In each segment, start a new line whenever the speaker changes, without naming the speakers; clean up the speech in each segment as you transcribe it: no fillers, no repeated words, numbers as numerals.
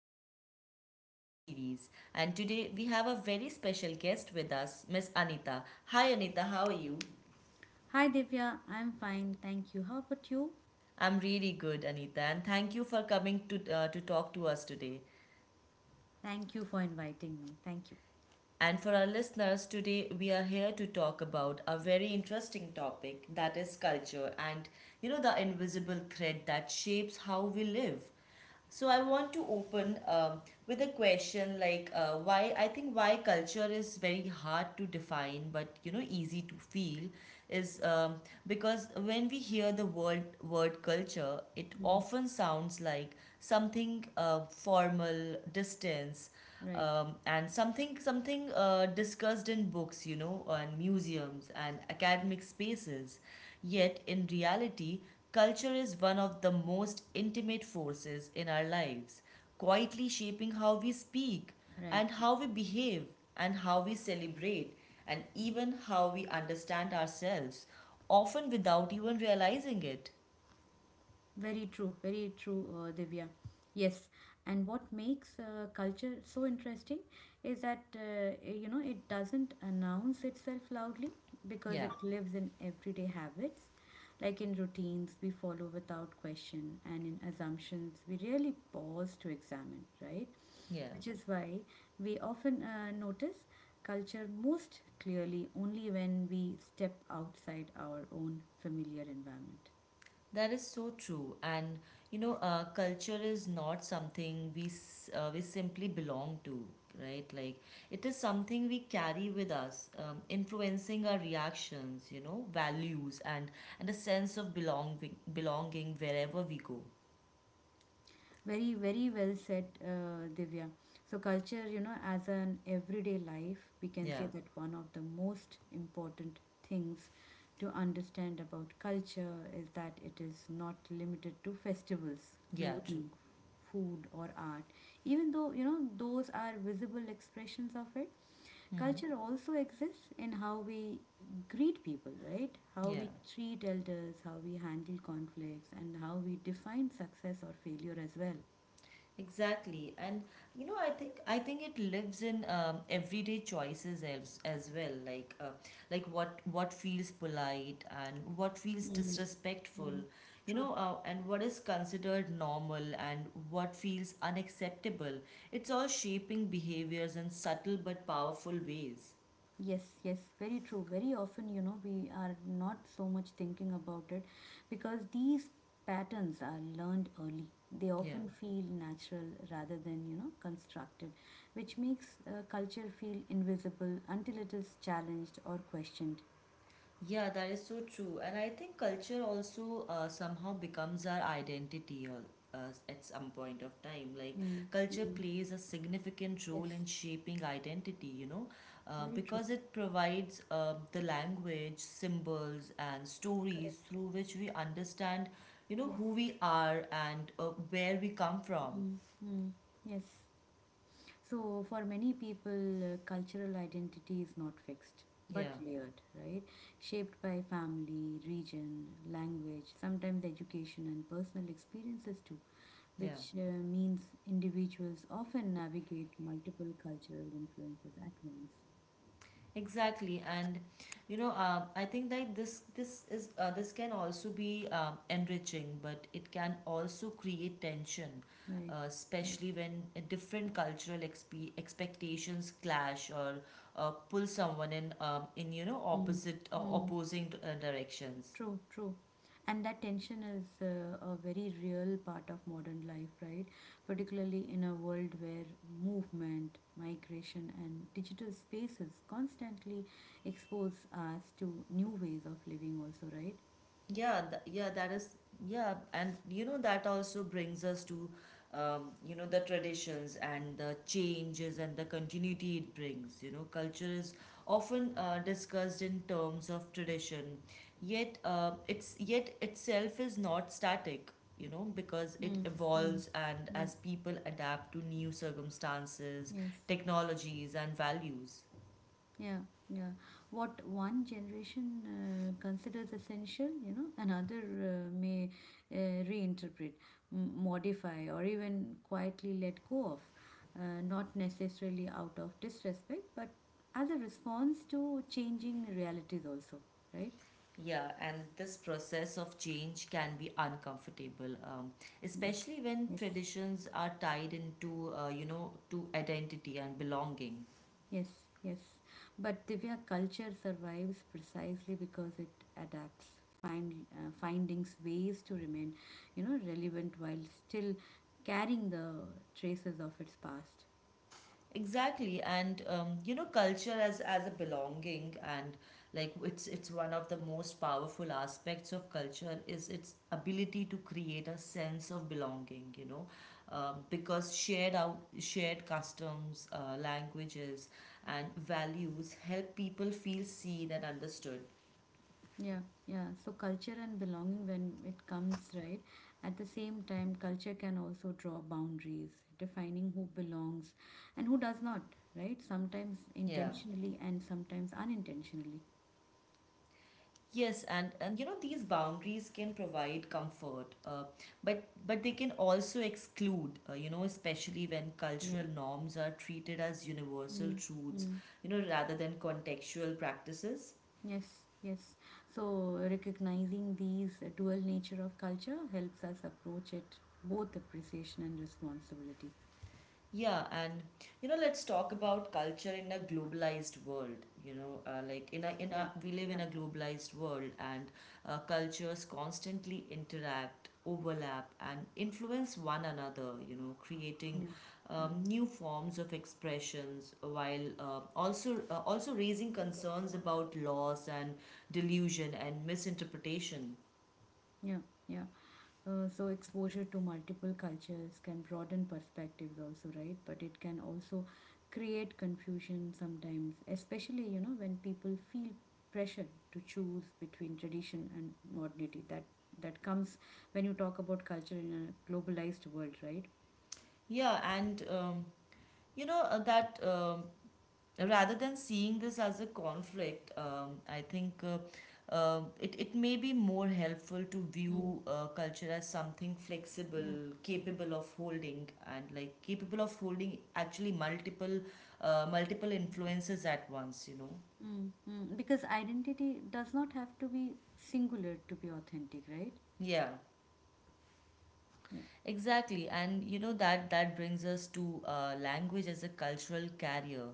back to our podcast series. And today we have a very special guest with us, Miss Anita. Hi, Anita, how are you?
Hi Divya, I'm fine. Thank you. How about you?
I'm really good, Anita, and thank you for coming to talk to us today.
Thank you for inviting me. Thank you.
And for our listeners, today we are here to talk about a very interesting topic, that is culture and the invisible thread that shapes how we live. So I want to open with a question like why, I think, why culture is very hard to define but easy to feel is because when we hear the word culture, it
Mm.
often sounds like something formal, distance,
Right,
and something discussed in books, and museums and academic spaces, yet in reality culture is one of the most intimate forces in our lives, quietly shaping how we speak and
right.
how we behave and how we celebrate and even how we understand ourselves, often without even realizing it.
Very true, Divya. Yes, and what makes culture so interesting is that you know it doesn't announce itself loudly because
yeah
it lives in everyday habits, like in routines we follow without question, and in assumptions we rarely pause to examine, right?
yeah
Which is why we often notice culture most clearly only when we step outside our own familiar environment.
That is so true. And culture is not something we we simply belong to, right? Like, it is something we carry with us, influencing our reactions, values and a sense of belonging wherever we go.
Very, very well said, Divya. So, culture, you know, as an everyday life, we can
Yeah.
say that one of the most important things to understand about culture is that it is not limited to festivals,
Yeah, true.
clothing, food, or art. Even though, you know, those are visible expressions of it,
Mm-hmm.
culture also exists in how we greet people, right? How
Yeah.
we treat elders, how we handle conflicts, and how we define success or failure as well.
Exactly. And I think it lives in everyday choices as well, like what feels polite and what feels disrespectful, and what is considered normal and what feels unacceptable. It's all shaping behaviors in subtle but powerful ways.
Yes, yes, very true. Very often, you know, we are not so much thinking about it because these patterns are learned early. They
Yeah.
often feel natural rather than, you know, constructed, which makes culture feel invisible until it is challenged or questioned.
Yeah, that is so true. And I think culture also somehow becomes our identity, or at some point of time. Like,
Mm,
culture
mm.
plays a significant role
Yes,
in shaping identity,
very true.
because it provides the language, symbols, and stories
Correct.
through which we understand,
Yes.
who we are and where we come from.
Mm, mm. Yes. So, for many people, cultural identity is not fixed but
Yeah,
layered, right? Shaped by family, region, language, sometimes education, and personal experiences too,
yeah.
which means individuals often navigate multiple cultural influences at once,
Exactly. And I think that this is this can also be enriching, but it can also create tension,
right? Right.
especially when different cultural expectations clash or pull someone in
Mm.
opposite opposing directions.
True, true. And that tension is a very real part of modern life, right? Particularly in a world where movement, migration, and digital spaces constantly expose us to new ways of living, also, right?
Yeah, that is, yeah. And that also brings us to, the traditions and the changes and the continuity it brings. You know, culture is often discussed in terms of tradition, yet it's yet itself is not static. You know, because it
Mm, mm.
evolves, and
Yeah,
as people adapt to new circumstances,
yes.
technologies, and values.
Yeah, yeah. What one generation considers essential, you know, another may uh, reinterpret, modify, or even quietly let go of. Not necessarily out of disrespect, but as a response to changing realities, also, right?
Yeah, and this process of change can be uncomfortable,
Yeah.
especially when
Yes.
traditions are tied into, to identity and belonging.
Yes, yes. But Divya culture survives precisely because it adapts, findings ways to remain, you know, relevant while still carrying the traces of its past.
Exactly. And culture as a belonging and like it's one of the most powerful aspects of culture is its ability to create a sense of belonging, because shared customs, languages, and values help people feel seen and understood.
Yeah, yeah. So culture and belonging when it comes right, at the same time culture can also draw boundaries, defining who belongs and who does not, right? Sometimes
Yeah.
intentionally and sometimes unintentionally.
Yes. And you know, these boundaries can provide comfort, but they can also exclude. You know, especially when
Yeah.
cultural norms are treated as universal truths,
Mm.
you know, rather than contextual practices.
Yes, yes. So recognizing these dual nature of culture helps us approach it both appreciation and responsibility.
Yeah. And let's talk about culture in a globalized world. You know, like in
Yeah,
a we live
yeah,
in a globalized world, and cultures constantly interact, overlap, and influence one another, creating
yeah, yeah,
new forms of expressions while also raising concerns about loss and delusion and misinterpretation.
yeah, yeah. So exposure to multiple cultures can broaden perspectives also, right? But it can also create confusion sometimes, especially, you know, when people feel pressure to choose between tradition and modernity. That comes when you talk about culture in a globalized world, right?
Yeah. And you know that rather than seeing this as a conflict, I think it, it may be more helpful to view culture as something flexible,
Yeah.
capable of holding, and like capable of holding actually multiple multiple influences at once. You know,
Mm, mm. Because identity does not have to be singular to be authentic, right?
yeah.
Yeah.
Exactly. And you know that that brings us to language as a cultural carrier.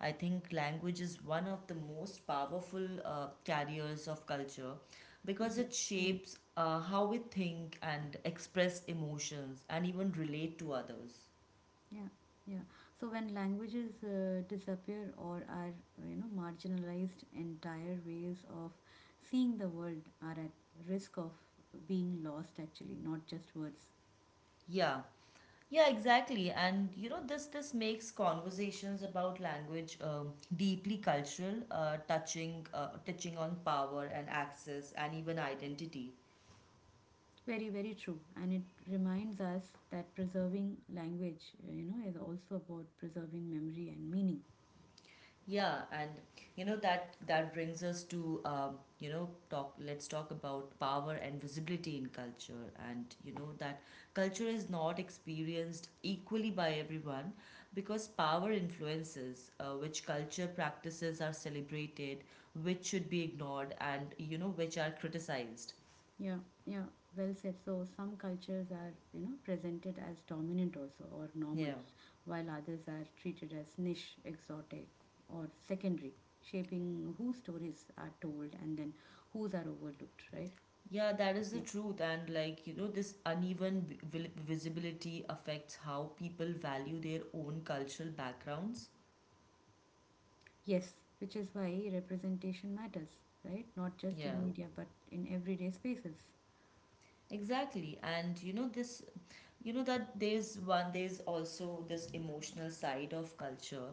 I think language is one of the most powerful carriers of culture
Mm,
because it
mm.
shapes how we think and express emotions and even relate to others.
Yeah, yeah. So when languages disappear or are, you know, marginalized, entire ways of seeing the world are at risk of being lost, actually, not just words.
Yeah. Yeah, exactly. And you know this, this makes conversations about language deeply cultural, touching on power and access and even identity.
Very, very true. And it reminds us that preserving language, you know, is also about preserving memory and meaning.
Yeah. And you know that that brings us to you know talk. Let's talk about power and visibility in culture, and you know that culture is not experienced equally by everyone because power influences which culture practices are celebrated, which should be ignored, and you know which are criticized.
Yeah, yeah, well said. So some cultures are, you know, presented as dominant also or normal,
Yeah.
while others are treated as niche, exotic, or secondary, shaping whose stories are told and then whose are overlooked, right?
Yeah, that is the
Yeah.
truth. And like, you know, this uneven visibility affects how people value their own cultural backgrounds.
Yes, which is why representation matters, right? Not just
Yeah,
in media, but in everyday spaces.
exactly. And you know that there's one, there's also this emotional side of culture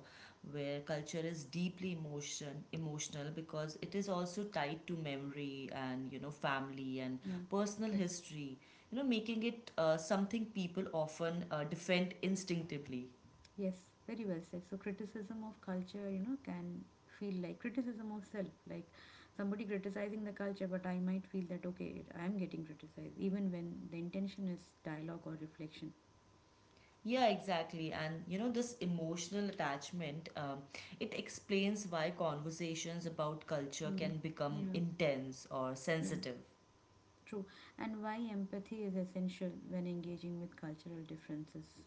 where culture is deeply emotional, because it is also tied to memory and you know family and
Yeah.
personal
Yes.
history, you know, making it something people often defend instinctively.
Yes, very well said. So criticism of culture, you know, can feel like criticism of self, like somebody criticizing the culture, but I might feel that okay, I am getting criticized, even when the intention is dialogue or reflection.
Yeah, exactly. And you know, this emotional attachment, it explains why conversations about culture
Mm.
can become
Yeah,
intense or
yeah,
sensitive.
true. And why empathy is essential when engaging with cultural differences.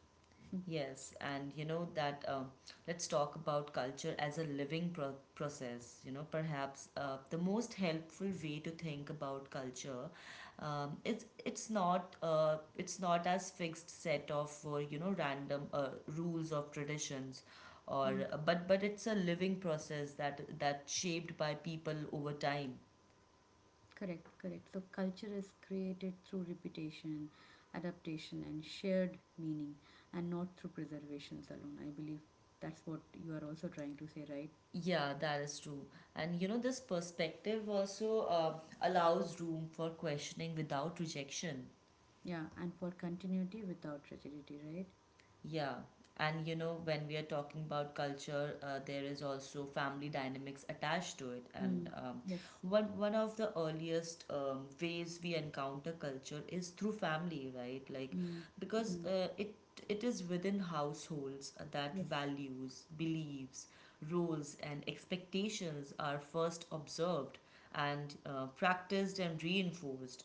Yes. And you know that let's talk about culture as a living process. You know, perhaps the most helpful way to think about culture, it's not as fixed set of random rules of traditions,
Hmm.
or but it's a living process that that shaped by people over time.
Correct, correct. So culture is created through repetition, adaptation, and shared meaning, and not through preservations alone. I believe that's what you are also trying to say, right?
Yeah, that is true. And you know, this perspective also allows room for questioning without rejection.
Yeah, and for continuity without rigidity, right?
Yeah. And when we are talking about culture, there is also family dynamics attached to it. And
Mm.
um,
Yes.
one one of the earliest ways we encounter culture is through family, right? Like,
Mm.
because
Mm.
it is within households that
Yes.
values, beliefs, roles, and expectations are first observed and practiced and reinforced,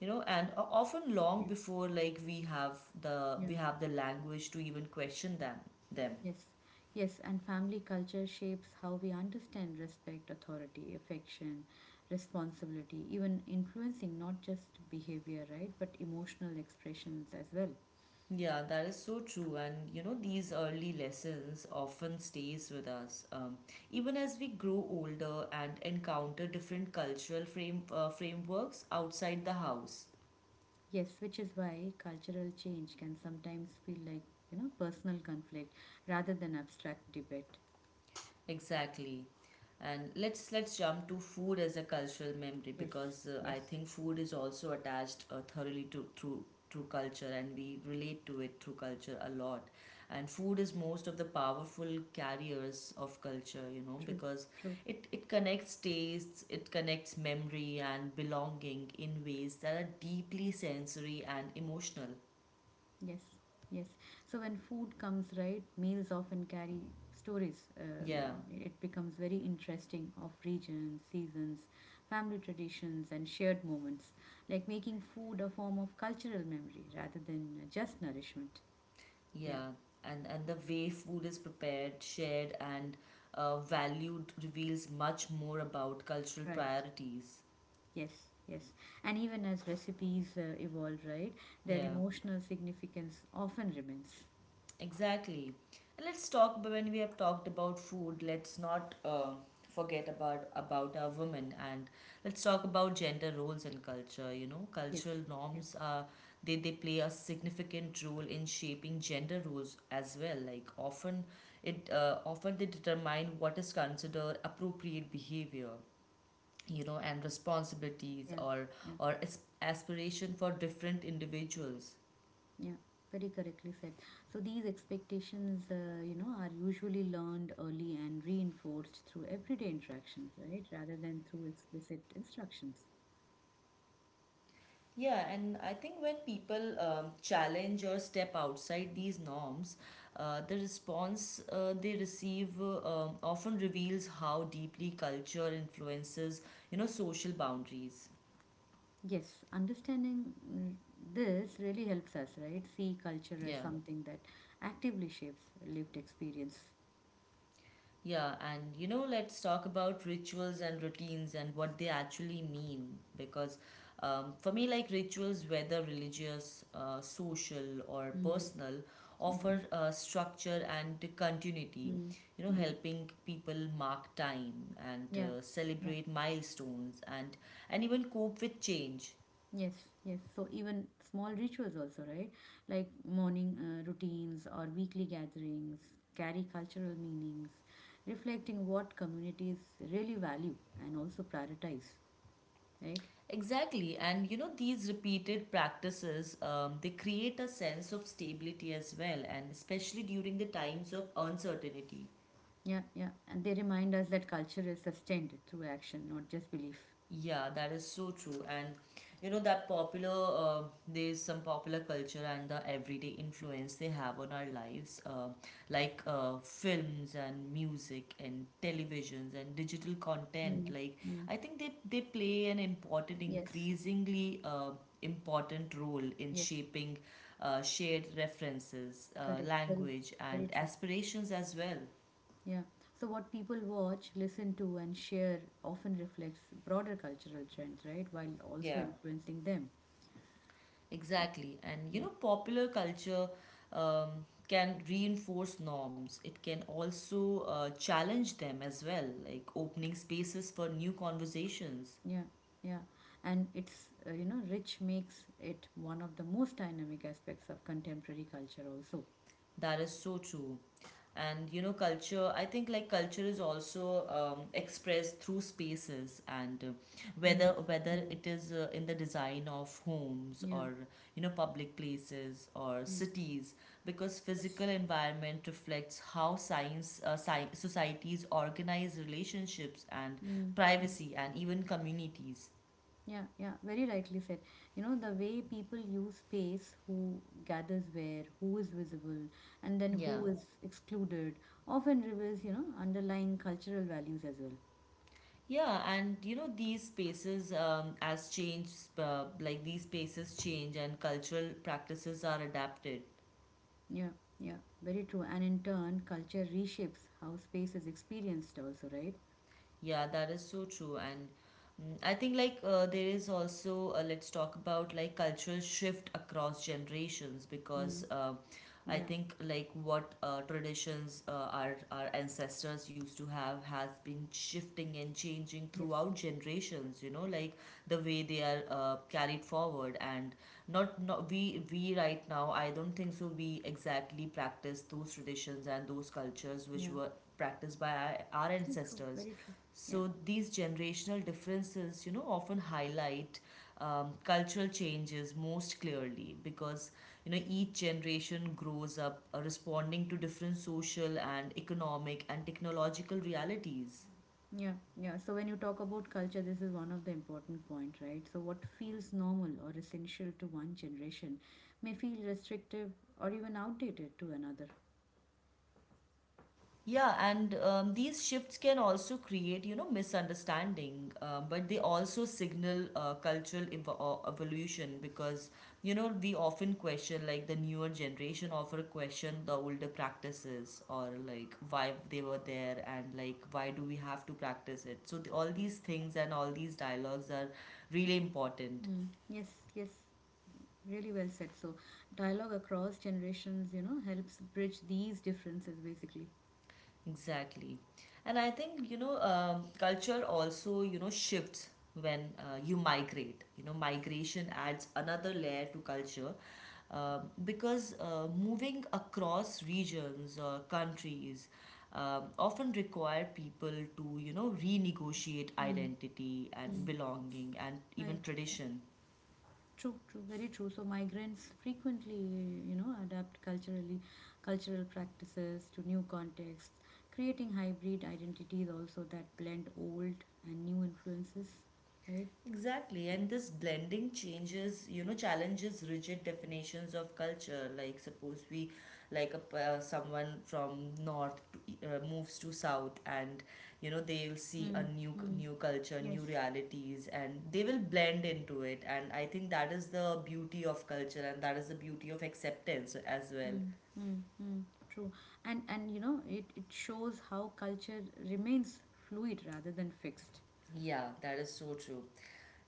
you know. And often long
Yeah.
before, like, the
Yeah.
we have the language to even question them.
Yes. Yes. And family culture shapes how we understand respect, authority, affection, responsibility, even influencing not just behavior, right, but emotional expressions as well.
Yeah, that is so true. And you know, these early lessons often stays with us, even as we grow older and encounter different cultural frameworks outside the house.
Yes, which is why cultural change can sometimes feel like, you know, personal conflict rather than abstract debate.
Exactly. And let's jump to food as a cultural memory,
Yes,
because
yes,
I think food is also attached thoroughly to through through culture, and we relate to it through culture a lot. And food is most of the powerful carriers of culture, you know,
true,
because
true.
it connects tastes, it connects memory and belonging in ways that are deeply sensory and emotional.
Yes, yes. So when food comes right, meals often carry stories.
Yeah.
It becomes very interesting of regions, seasons, family traditions, and shared moments, like making food a form of cultural memory rather than just nourishment. Yeah,
Yeah, and the way food is prepared, shared, and valued reveals much more about cultural
right.
priorities.
Yes, yes. And even as recipes evolve, right, their
Yeah.
emotional significance often remains.
Exactly. And let's talk, but when we have talked about food, let's not forget about our women, and let's talk about gender roles and culture. You know,
Yes,
cultural
yes.
norms are they play a significant role in shaping gender roles as well. Like often it often they determine what is considered appropriate behavior, you know, and responsibilities,
Yeah, yeah,
or aspiration for different individuals.
yeah. Very correctly said. So these expectations, you know, are usually learned early and reinforced through everyday interactions, right, rather than through explicit instructions.
Yeah, and I think when people challenge or step outside these norms, the response they receive often reveals how deeply culture influences, you know, social boundaries.
Yes, understanding mm, this really helps us, right, see culture as
Yeah.
something that actively shapes lived experience.
Yeah. And let's talk about rituals and routines and what they actually mean. Because for me, like, rituals, whether religious, social, or
Mm,
personal,
mm-hmm,
offer structure and continuity. You know,
mm.
helping people mark time and
Yeah, yeah,
celebrate milestones and even cope with change.
yes, yes. So even small rituals also, right? Like morning routines or weekly gatherings carry cultural meanings, reflecting what communities really value and also prioritize, right?
Exactly, and you know these repeated practices they create a sense of stability as well, and especially during the times of uncertainty.
Yeah, yeah. And they remind us that culture is sustained through action, not just belief.
Yeah, that is so true. And you know that popular there's some popular culture and the everyday influence they have on our lives, like films and music and televisions and digital content.
Mm,
Like,
mm.
I think they play an important,
Yes,
increasingly important role in
yes.
shaping shared references,
Correct. Very,
language, and
very true.
aspirations as well.
Yeah. So what people watch, listen to, and share often reflects broader cultural trends, right? While also
Yeah.
influencing them. Yeah.
Exactly. And you
Yeah.
know, popular culture can reinforce norms. It can also challenge them as well, like opening spaces for new conversations.
Yeah. Yeah. And it's, you know, rich makes it one of the most dynamic aspects of contemporary culture also.
That is so true. And you know, culture, I think, like, culture is also expressed through spaces and whether
Mm.
whether
Mm.
it is in the design of homes
Yeah.
or you know public places or
Yeah.
cities, because
Yes.
physical environment reflects how societies organize relationships and
Mm.
privacy and even communities.
Yeah, yeah, very rightly said. You know, the way people use space, who gathers where, who is visible, and then
Yeah.
who is excluded, often reveals, you know, underlying cultural values as well.
Yeah, and you know these spaces like these spaces change and cultural practices are adapted.
Yeah, yeah, very true. And in turn, culture reshapes how space is experienced, also, right?
Yeah, that is so true. And I think like there is also let's talk about like cultural shift across generations because
Mm.
I
Yeah,
think like what traditions our ancestors used to have has been shifting and changing
yes,
throughout generations. You know, like the way they are carried forward and not not we we right now. I don't think so. We exactly practice those traditions and those cultures which
yeah,
were practiced by our
true, true,
ancestors.
very true. Yeah.
So these generational differences, you know, often highlight cultural changes most clearly because you know each generation grows up responding to different social and economic and technological realities.
Yeah, yeah. So when you talk about culture, this is one of the important point, right? So what feels normal or essential to one generation may feel restrictive or even outdated to another.
Yeah, and these shifts can also create, you know, misunderstanding, but they also signal cultural evo evolution because, you know, we often question, like, the newer generation often question the older practices or, like, why they were there and, like, why do we have to practice it? So, all these things and all these dialogues are really important.
Mm. Yes, yes. Really well said. So dialogue across generations, you know, helps bridge these differences basically.
Exactly. And I think, you know, culture also, you know, shifts when you migrate. You know, migration adds another layer to culture because moving across regions or countries often require people to, you know, renegotiate
Mm.
identity and
Mm.
belonging and even
Right.
tradition.
True, true, very true. So migrants frequently, you know, adapt culturally, cultural practices to new contexts, creating hybrid identities also that blend old and new influences, right?
Exactly, and this blending changes, you know, challenges rigid definitions of culture. Like, suppose we, like, someone from north to, moves to south, and you know, they will see a
Mm, mm,
new culture, new
yes.
realities, and they will blend into it. And I think that is the beauty of culture, and that is the beauty of acceptance as well.
Mm, mm, mm, true. And you know, it shows how culture remains fluid rather than fixed.
Yeah, that is so true.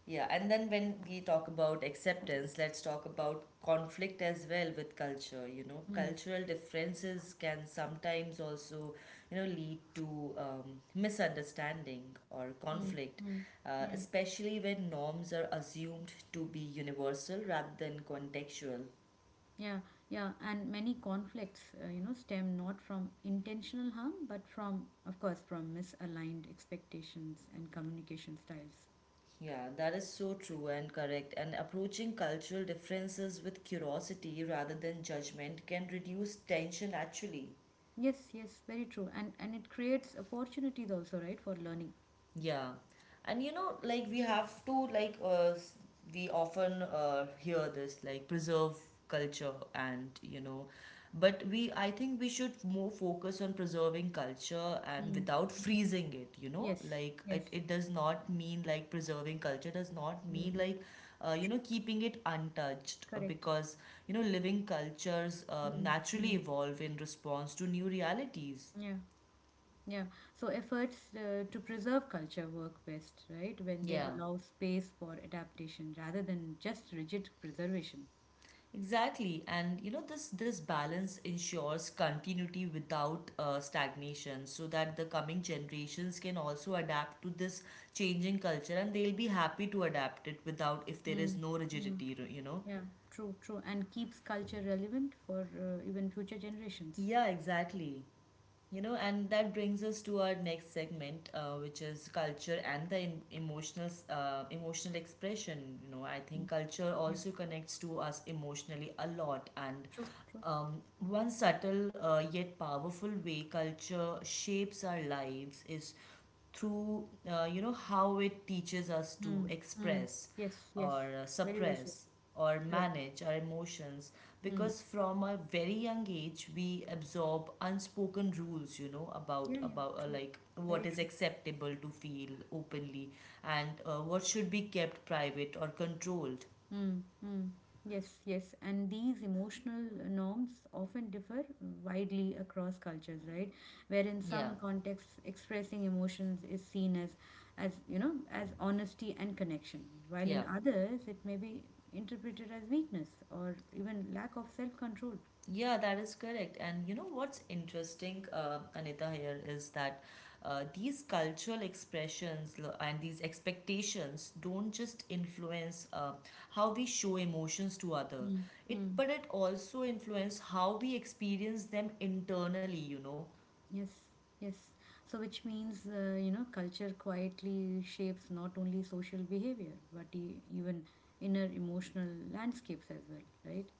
Yeah, and then when we talk about acceptance, let's talk about conflict as well with culture. You know,
Mm,
cultural differences can sometimes also, you know, lead to misunderstanding or
mm,
conflict,
mm, yeah.
especially when norms are assumed to be universal rather than contextual.
Yeah, yeah, and many conflicts, you know, stem not from intentional harm, but from, of course, from misaligned expectations and communication styles.
Yeah, that is so true and correct. And approaching cultural differences with curiosity rather than judgment can reduce tension actually.
Yes, yes, very true, and it creates opportunities also, right, for learning.
Yeah, and you know, like we have to like we often hear this like preserve culture and you know, but we I think we should more focus on preserving culture and
Mm.
without freezing it. You know,
Yes,
like it
yes,
it does not mean like preserving culture does not mean
mm.
like you
True.
know keeping it untouched
Correct.
because you know living cultures
Mm.
naturally
Mm.
evolve in response to new realities.
Yeah, yeah. So efforts to preserve culture work best, right, when they
Yeah.
allow space for adaptation rather than just rigid preservation.
Exactly, and you know this balance ensures continuity without stagnation, so that the coming generations can also adapt to this changing culture, and they'll be happy to adapt it without if there is
Mm.
no rigidity, you know.
Yeah, true, true. And keeps culture relevant for even future generations.
Yeah, exactly. You know, and that brings us to our next segment, which is culture and the emotional emotional expression. You know, I think
Mm.
culture
Yeah,
also connects to us emotionally a lot, and
true, true.
one subtle yet powerful way culture shapes our lives is through you know how it teaches us to
Mm, mm.
express
Yes,
or
yes. Very well said.
suppress or
Correct.
manage our emotions
Mm.
because from a very young age we absorb unspoken rules, you know, about
Yeah, yeah,
about uh,
true.
like what
Very
is
true.
acceptable to feel openly and what should be kept private or controlled,
Mm, mm. Yes, yes. And these emotional norms often differ widely across cultures, right? Where in
yeah,
some contexts, expressing emotions is seen as you know, as honesty and connection, while
yeah.
in others, it may be interpreted as weakness or even lack of self-control.
Yeah, that is correct. And you know what's interesting, Anita, here is that these cultural expressions and these expectations don't just influence how we show emotions to other,
Mm,
it
mm.
but it also influence how we experience them internally. You know,
Yes, yes. So, which means, you know, culture quietly shapes not only social behavior, but even inner emotional landscapes as well, right?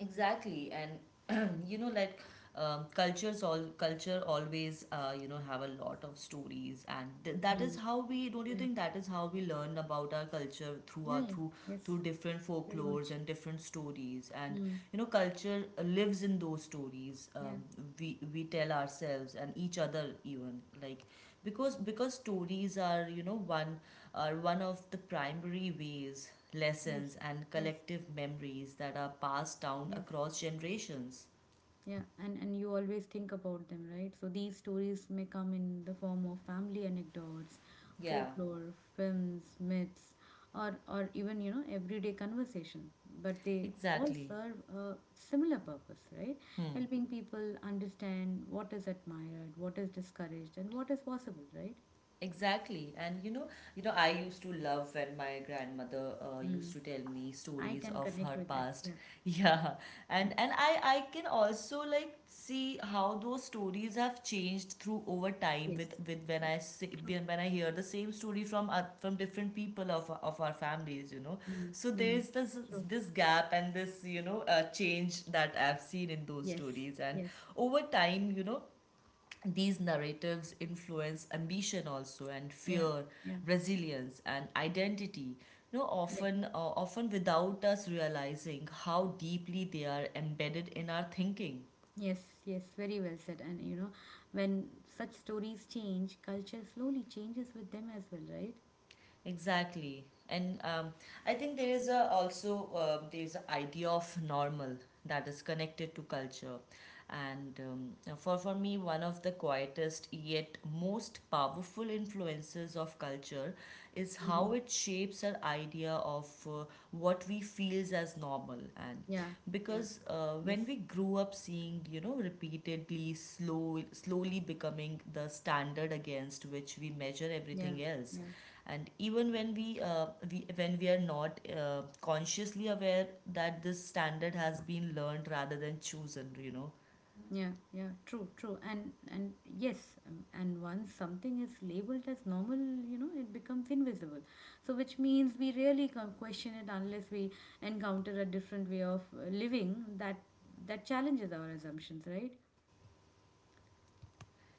exactly, and you know, like culture always you know have a lot of stories, and that is
Mm.
how, we don't you
Yeah,
think that is how we learn about our culture,
yeah, yeah.
through
Yes,
through different
very
folklores
much.
and different stories, and
Mm.
you know, culture lives in those stories.
Yeah,
We tell ourselves and each other, even like, because stories are one of the primary ways lessons,
yes,
and
yes,
collective memories that are passed down
yes.
across generations.
Yeah, and you always think about them, right? So these stories may come in the form of family anecdotes,
Yeah,
folklore, films, myths, or even, you know, everyday conversation. But they all
exactly.
serve a similar purpose, right?
Hmm.
Helping people understand what is admired, what is discouraged, and what is possible, right?
Exactly. And you know, I used to love when my grandmother used
Mm.
to tell me
I
stories
can
of
connect
her
with that.
past.
Yeah.
Yeah.
Yeah.
And I can also like see how those stories have changed through over time
Yes.
with when
Yes.
I see,
True.
when I hear the same story from different people of our families, you know.
Mm.
So
Mm.
there's this
True.
this gap and this, you know, change that I've seen in those
Yes.
stories and
Yes.
over time, you know, these narratives influence ambition also and
Yeah.
fear,
Yeah.
resilience and identity, you know,
Correct.
often without us realizing how deeply they are embedded in our thinking.
Yes, yes, very well said. And you know, when such stories change, culture slowly changes with them as well, right?
Exactly. And I think there is a also there is an idea of normal that is connected to culture. And for me, one of the quietest yet most powerful influences of culture is how it shapes our idea of what we feels as normal. And
Yeah, yeah,
because when
yes,
we grew up seeing, you know, repeatedly slowly becoming the standard against which we measure
yeah,
everything else,
yeah,
and even when we, when we are not consciously aware that this standard has been learned rather than chosen, you know,
yeah, yeah. True, true. And yes, and once something is labeled as normal, you know, it becomes invisible. So which means we really can question it unless we encounter a different way of living that challenges our assumptions, right?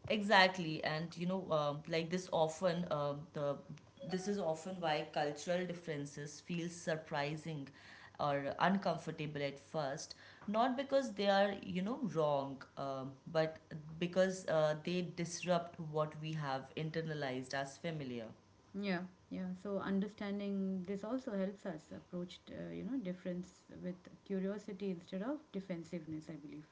exactly. And you know, like this often the this is often why cultural differences feel surprising or uncomfortable at first, not because they are you know wrong, but because they disrupt what we have internalized as familiar.
Yeah, yeah. So understanding this also helps us approach, you know, difference with curiosity instead of defensiveness, I believe.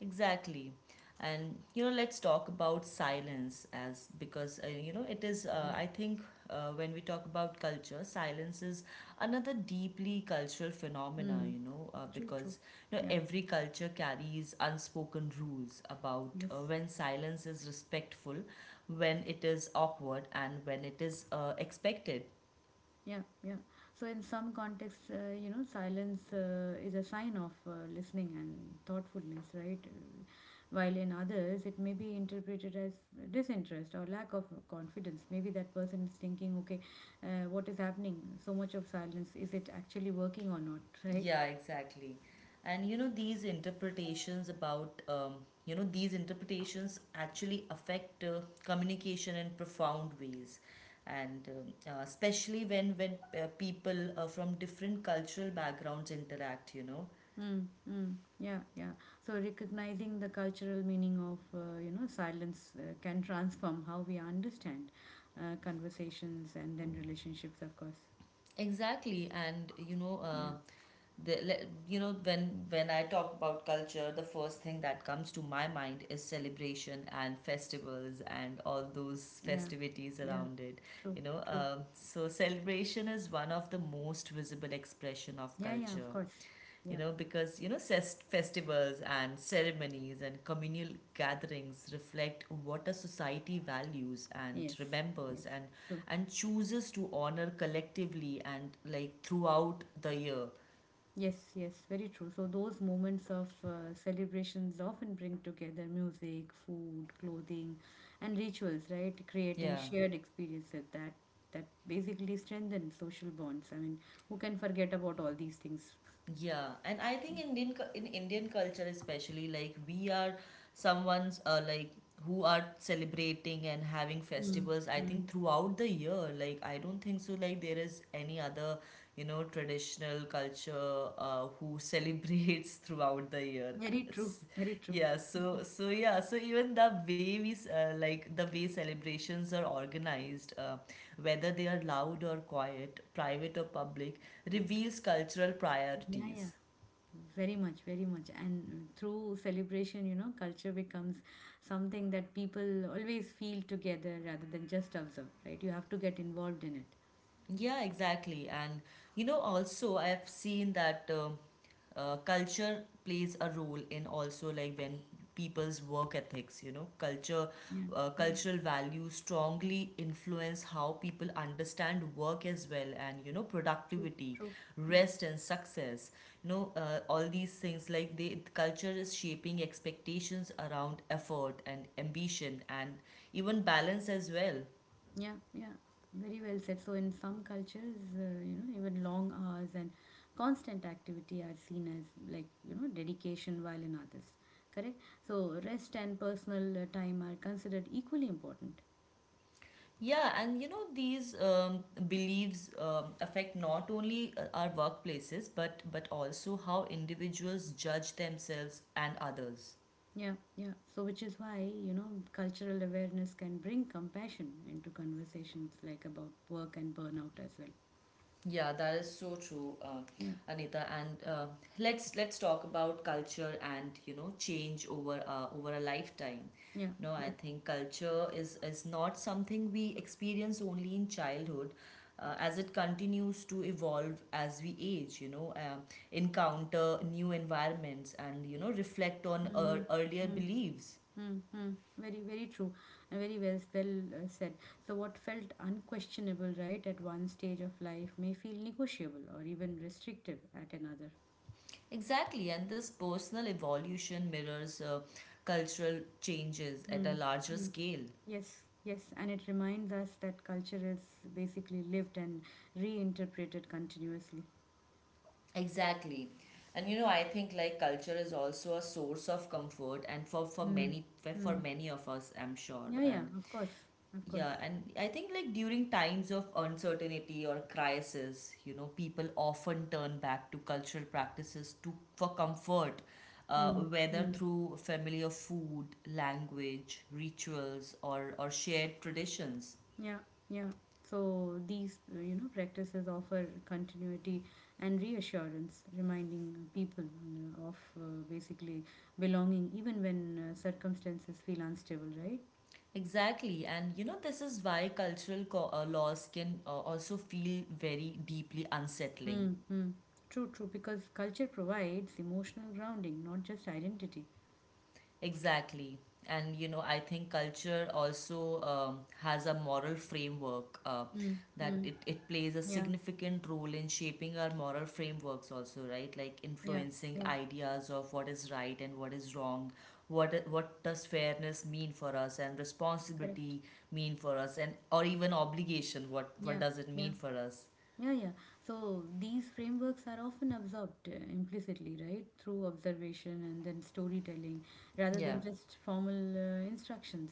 Exactly. And you know, let's talk about silence as because you know it is. I think when we talk about culture, silence is another deeply cultural phenomena.
Hmm.
You know,
True, true.
because you know
Yeah.
every culture carries unspoken rules about
Yes.
when silence is respectful, when it is awkward, and when it is expected.
Yeah, yeah. So in some contexts, you know, silence is a sign of listening and thoughtfulness, right? While in others, it may be interpreted as disinterest or lack of confidence. Maybe that person is thinking, okay, what is happening? So much of silence, is it actually working or not, right?
Yeah, exactly. And you know, these interpretations about, you know, these interpretations actually affect communication in profound ways. And especially when when people from different cultural backgrounds interact, you know,
Mm, mm, yeah, yeah. So recognizing the cultural meaning of, you know, silence can transform how we understand conversations and then relationships, of course.
exactly, and you know,
Yeah,
you know when I talk about culture, the first thing that comes to my mind is celebration and festivals and all those
yeah,
festivities
yeah.
around it.
True,
You know,
true.
So celebration is one of the most visible expression of
Yeah, yeah, of
culture,
course.
you
Yeah,
know, because, you know, festivals and ceremonies and communal gatherings reflect what a society values and
yes, yes,
remembers
true.
and chooses to honor collectively and like throughout the year.
Yes, yes, very true. So those moments of celebrations often bring together music, food, clothing, and rituals, right? Creating
Yeah.
shared experiences that basically strengthen social bonds. I mean, who can forget about all these things?
Yeah, and I think in Indian culture especially like we are someone's like who are celebrating and having
Mm,
festivals I
mm.
think throughout the year, like I don't think so like there is any other you know traditional culture who celebrates throughout the year.
Very true,
S-
very true.
yeah, so so yeah, so even the way we s- like the way celebrations are organized, whether they are loud or quiet, private or public, reveals cultural
Yeah, yeah,
priorities.
very much, very much. And through celebration, you know, culture becomes something that people always feel together rather than just observe, right? You have to get involved in it.
Yeah, exactly. And you know, also I've seen that culture plays a role in also like when people's work ethics, you know,
Yeah, yeah.
cultural values strongly influence how people understand work as well and, you know,
True,
productivity,
true. Yeah,
rest and success. You know, all these things like they, culture is shaping expectations around effort and ambition and even balance as well.
yeah, yeah. Very well said. So, in some cultures, you know, even long hours and constant activity are seen as like, you know, dedication, while in others, correct? So, rest and personal time are considered equally important.
Yeah, and you know these beliefs affect not only our workplaces, but also how individuals judge themselves and others.
Yeah, yeah. So, which is why, you know, cultural awareness can bring compassion into conversations like about work and burnout as well.
Yeah, that is so true,
Yeah,
Anita. And let's talk about culture and you know change over over a lifetime.
yeah,
No, I
yeah.
think culture is not something we experience only in childhood, as it continues to evolve as we age. You know, encounter new environments and you know reflect on
Mm-hmm.
earlier
Mm-hmm.
beliefs.
Mm-hmm. Very, very true, and very well said. So, what felt unquestionable, right, at one stage of life may feel negotiable or even restrictive at another.
Exactly, and this personal evolution mirrors cultural changes at a larger
Mm-hmm.
scale.
Yes, yes, and it reminds us that culture is basically lived and reinterpreted continuously.
Exactly. And you know, I think like culture is also a source of comfort and for
Mm-hmm.
many of us, I'm sure.
Yeah, yeah,
And
of course, of
yeah,
course.
and I think like during times of uncertainty or crisis, you know, people often turn back to cultural practices to for comfort, whether
Mm-hmm.
through familiar food, language, rituals, or shared traditions.
Yeah, yeah. So these, you know, practices offer continuity and reassurance, reminding people of basically belonging even when circumstances feel unstable, right?
Exactly, and you know, this is why laws can also feel very deeply unsettling.
Mm-hmm. True, true, because culture provides emotional grounding, not just identity.
Exactly, and you know, I think culture also has a moral framework that
Mm-hmm.
it plays a
Yeah,
significant role in shaping our moral frameworks, also, right? Like
yeah,
influencing
yeah.
ideas of what is right and what is wrong, what does fairness mean for us and
Correct.
responsibility mean for us and or even obligation, what
Yeah,
does it
yeah.
mean for us.
Yeah, yeah. So these frameworks are often absorbed implicitly, right? Through observation and then storytelling rather
Yeah.
than just formal instructions.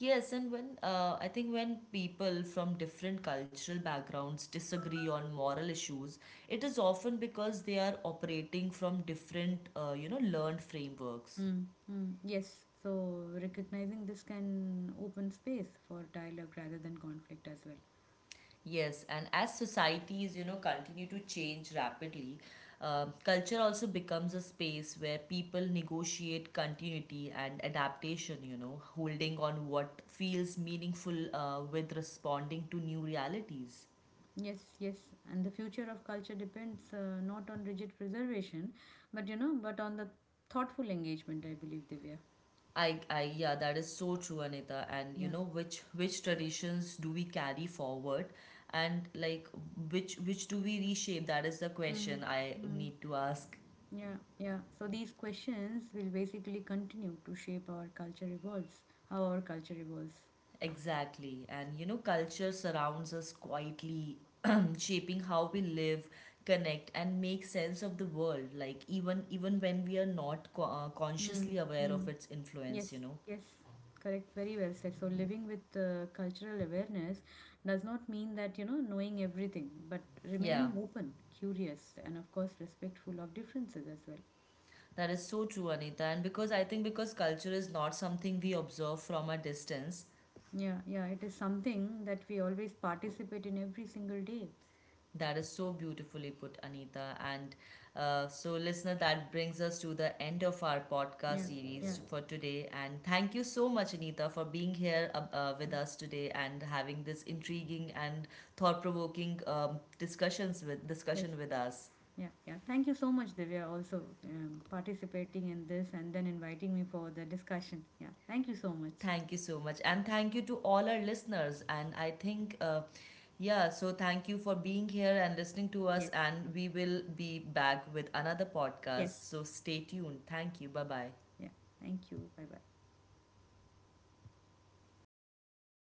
Yes, and when I think when people from different cultural backgrounds disagree on moral issues, it is often because they are operating from different, you know, learned frameworks.
Mm, mm, yes. So recognizing this can open space for dialogue rather than conflict as well.
Yes, and as societies, you know, continue to change rapidly, culture also becomes a space where people negotiate continuity and adaptation, you know, holding on what feels meaningful with responding to new realities.
Yes, yes. And the future of culture depends not on rigid preservation, but you know, but on the thoughtful engagement, I believe, Divya.
I yeah, that is so true, Anita. And you
Yeah.
know, which traditions do we carry forward and like which do we reshape, that is the
Mm,
question I
mm.
need to ask.
Yeah, yeah. So these questions will basically continue to shape our culture evolves, how our culture evolves.
Exactly, and you know culture surrounds us quietly shaping how we live, connect and make sense of the world, like even even when we are not
Mm,
consciously aware of
mm.
its influence,
Yes,
you know,
yes, correct. Very well said. So living with cultural awareness does not mean that, you know, knowing everything, but
yeah,
remaining open, curious, and of course respectful of differences as well.
that is so true, Anita. And because I think because culture is not something we observe from a distance.
Yeah, yeah. It is something that we always participate in every single day.
That is so beautifully put, Anita. And so, listener, that brings us to the end of our podcast
Yeah, yeah,
series for today. And thank you so much, Anita, for being here
yeah.
with us today and having this intriguing and thought-provoking
Yes.
discussion with us.
Yeah, yeah. Thank you so much, Divya, also participating in this and then inviting me for the discussion. Yeah, thank you so much.
Thank you so much, and thank you to all our listeners. And I think. Yeah, so thank you for being here and listening to us.
Yes,
And we will be back with another
yes.
podcast. So stay tuned. Thank you. Bye bye.
Yeah, thank you. Bye bye.
Yeah.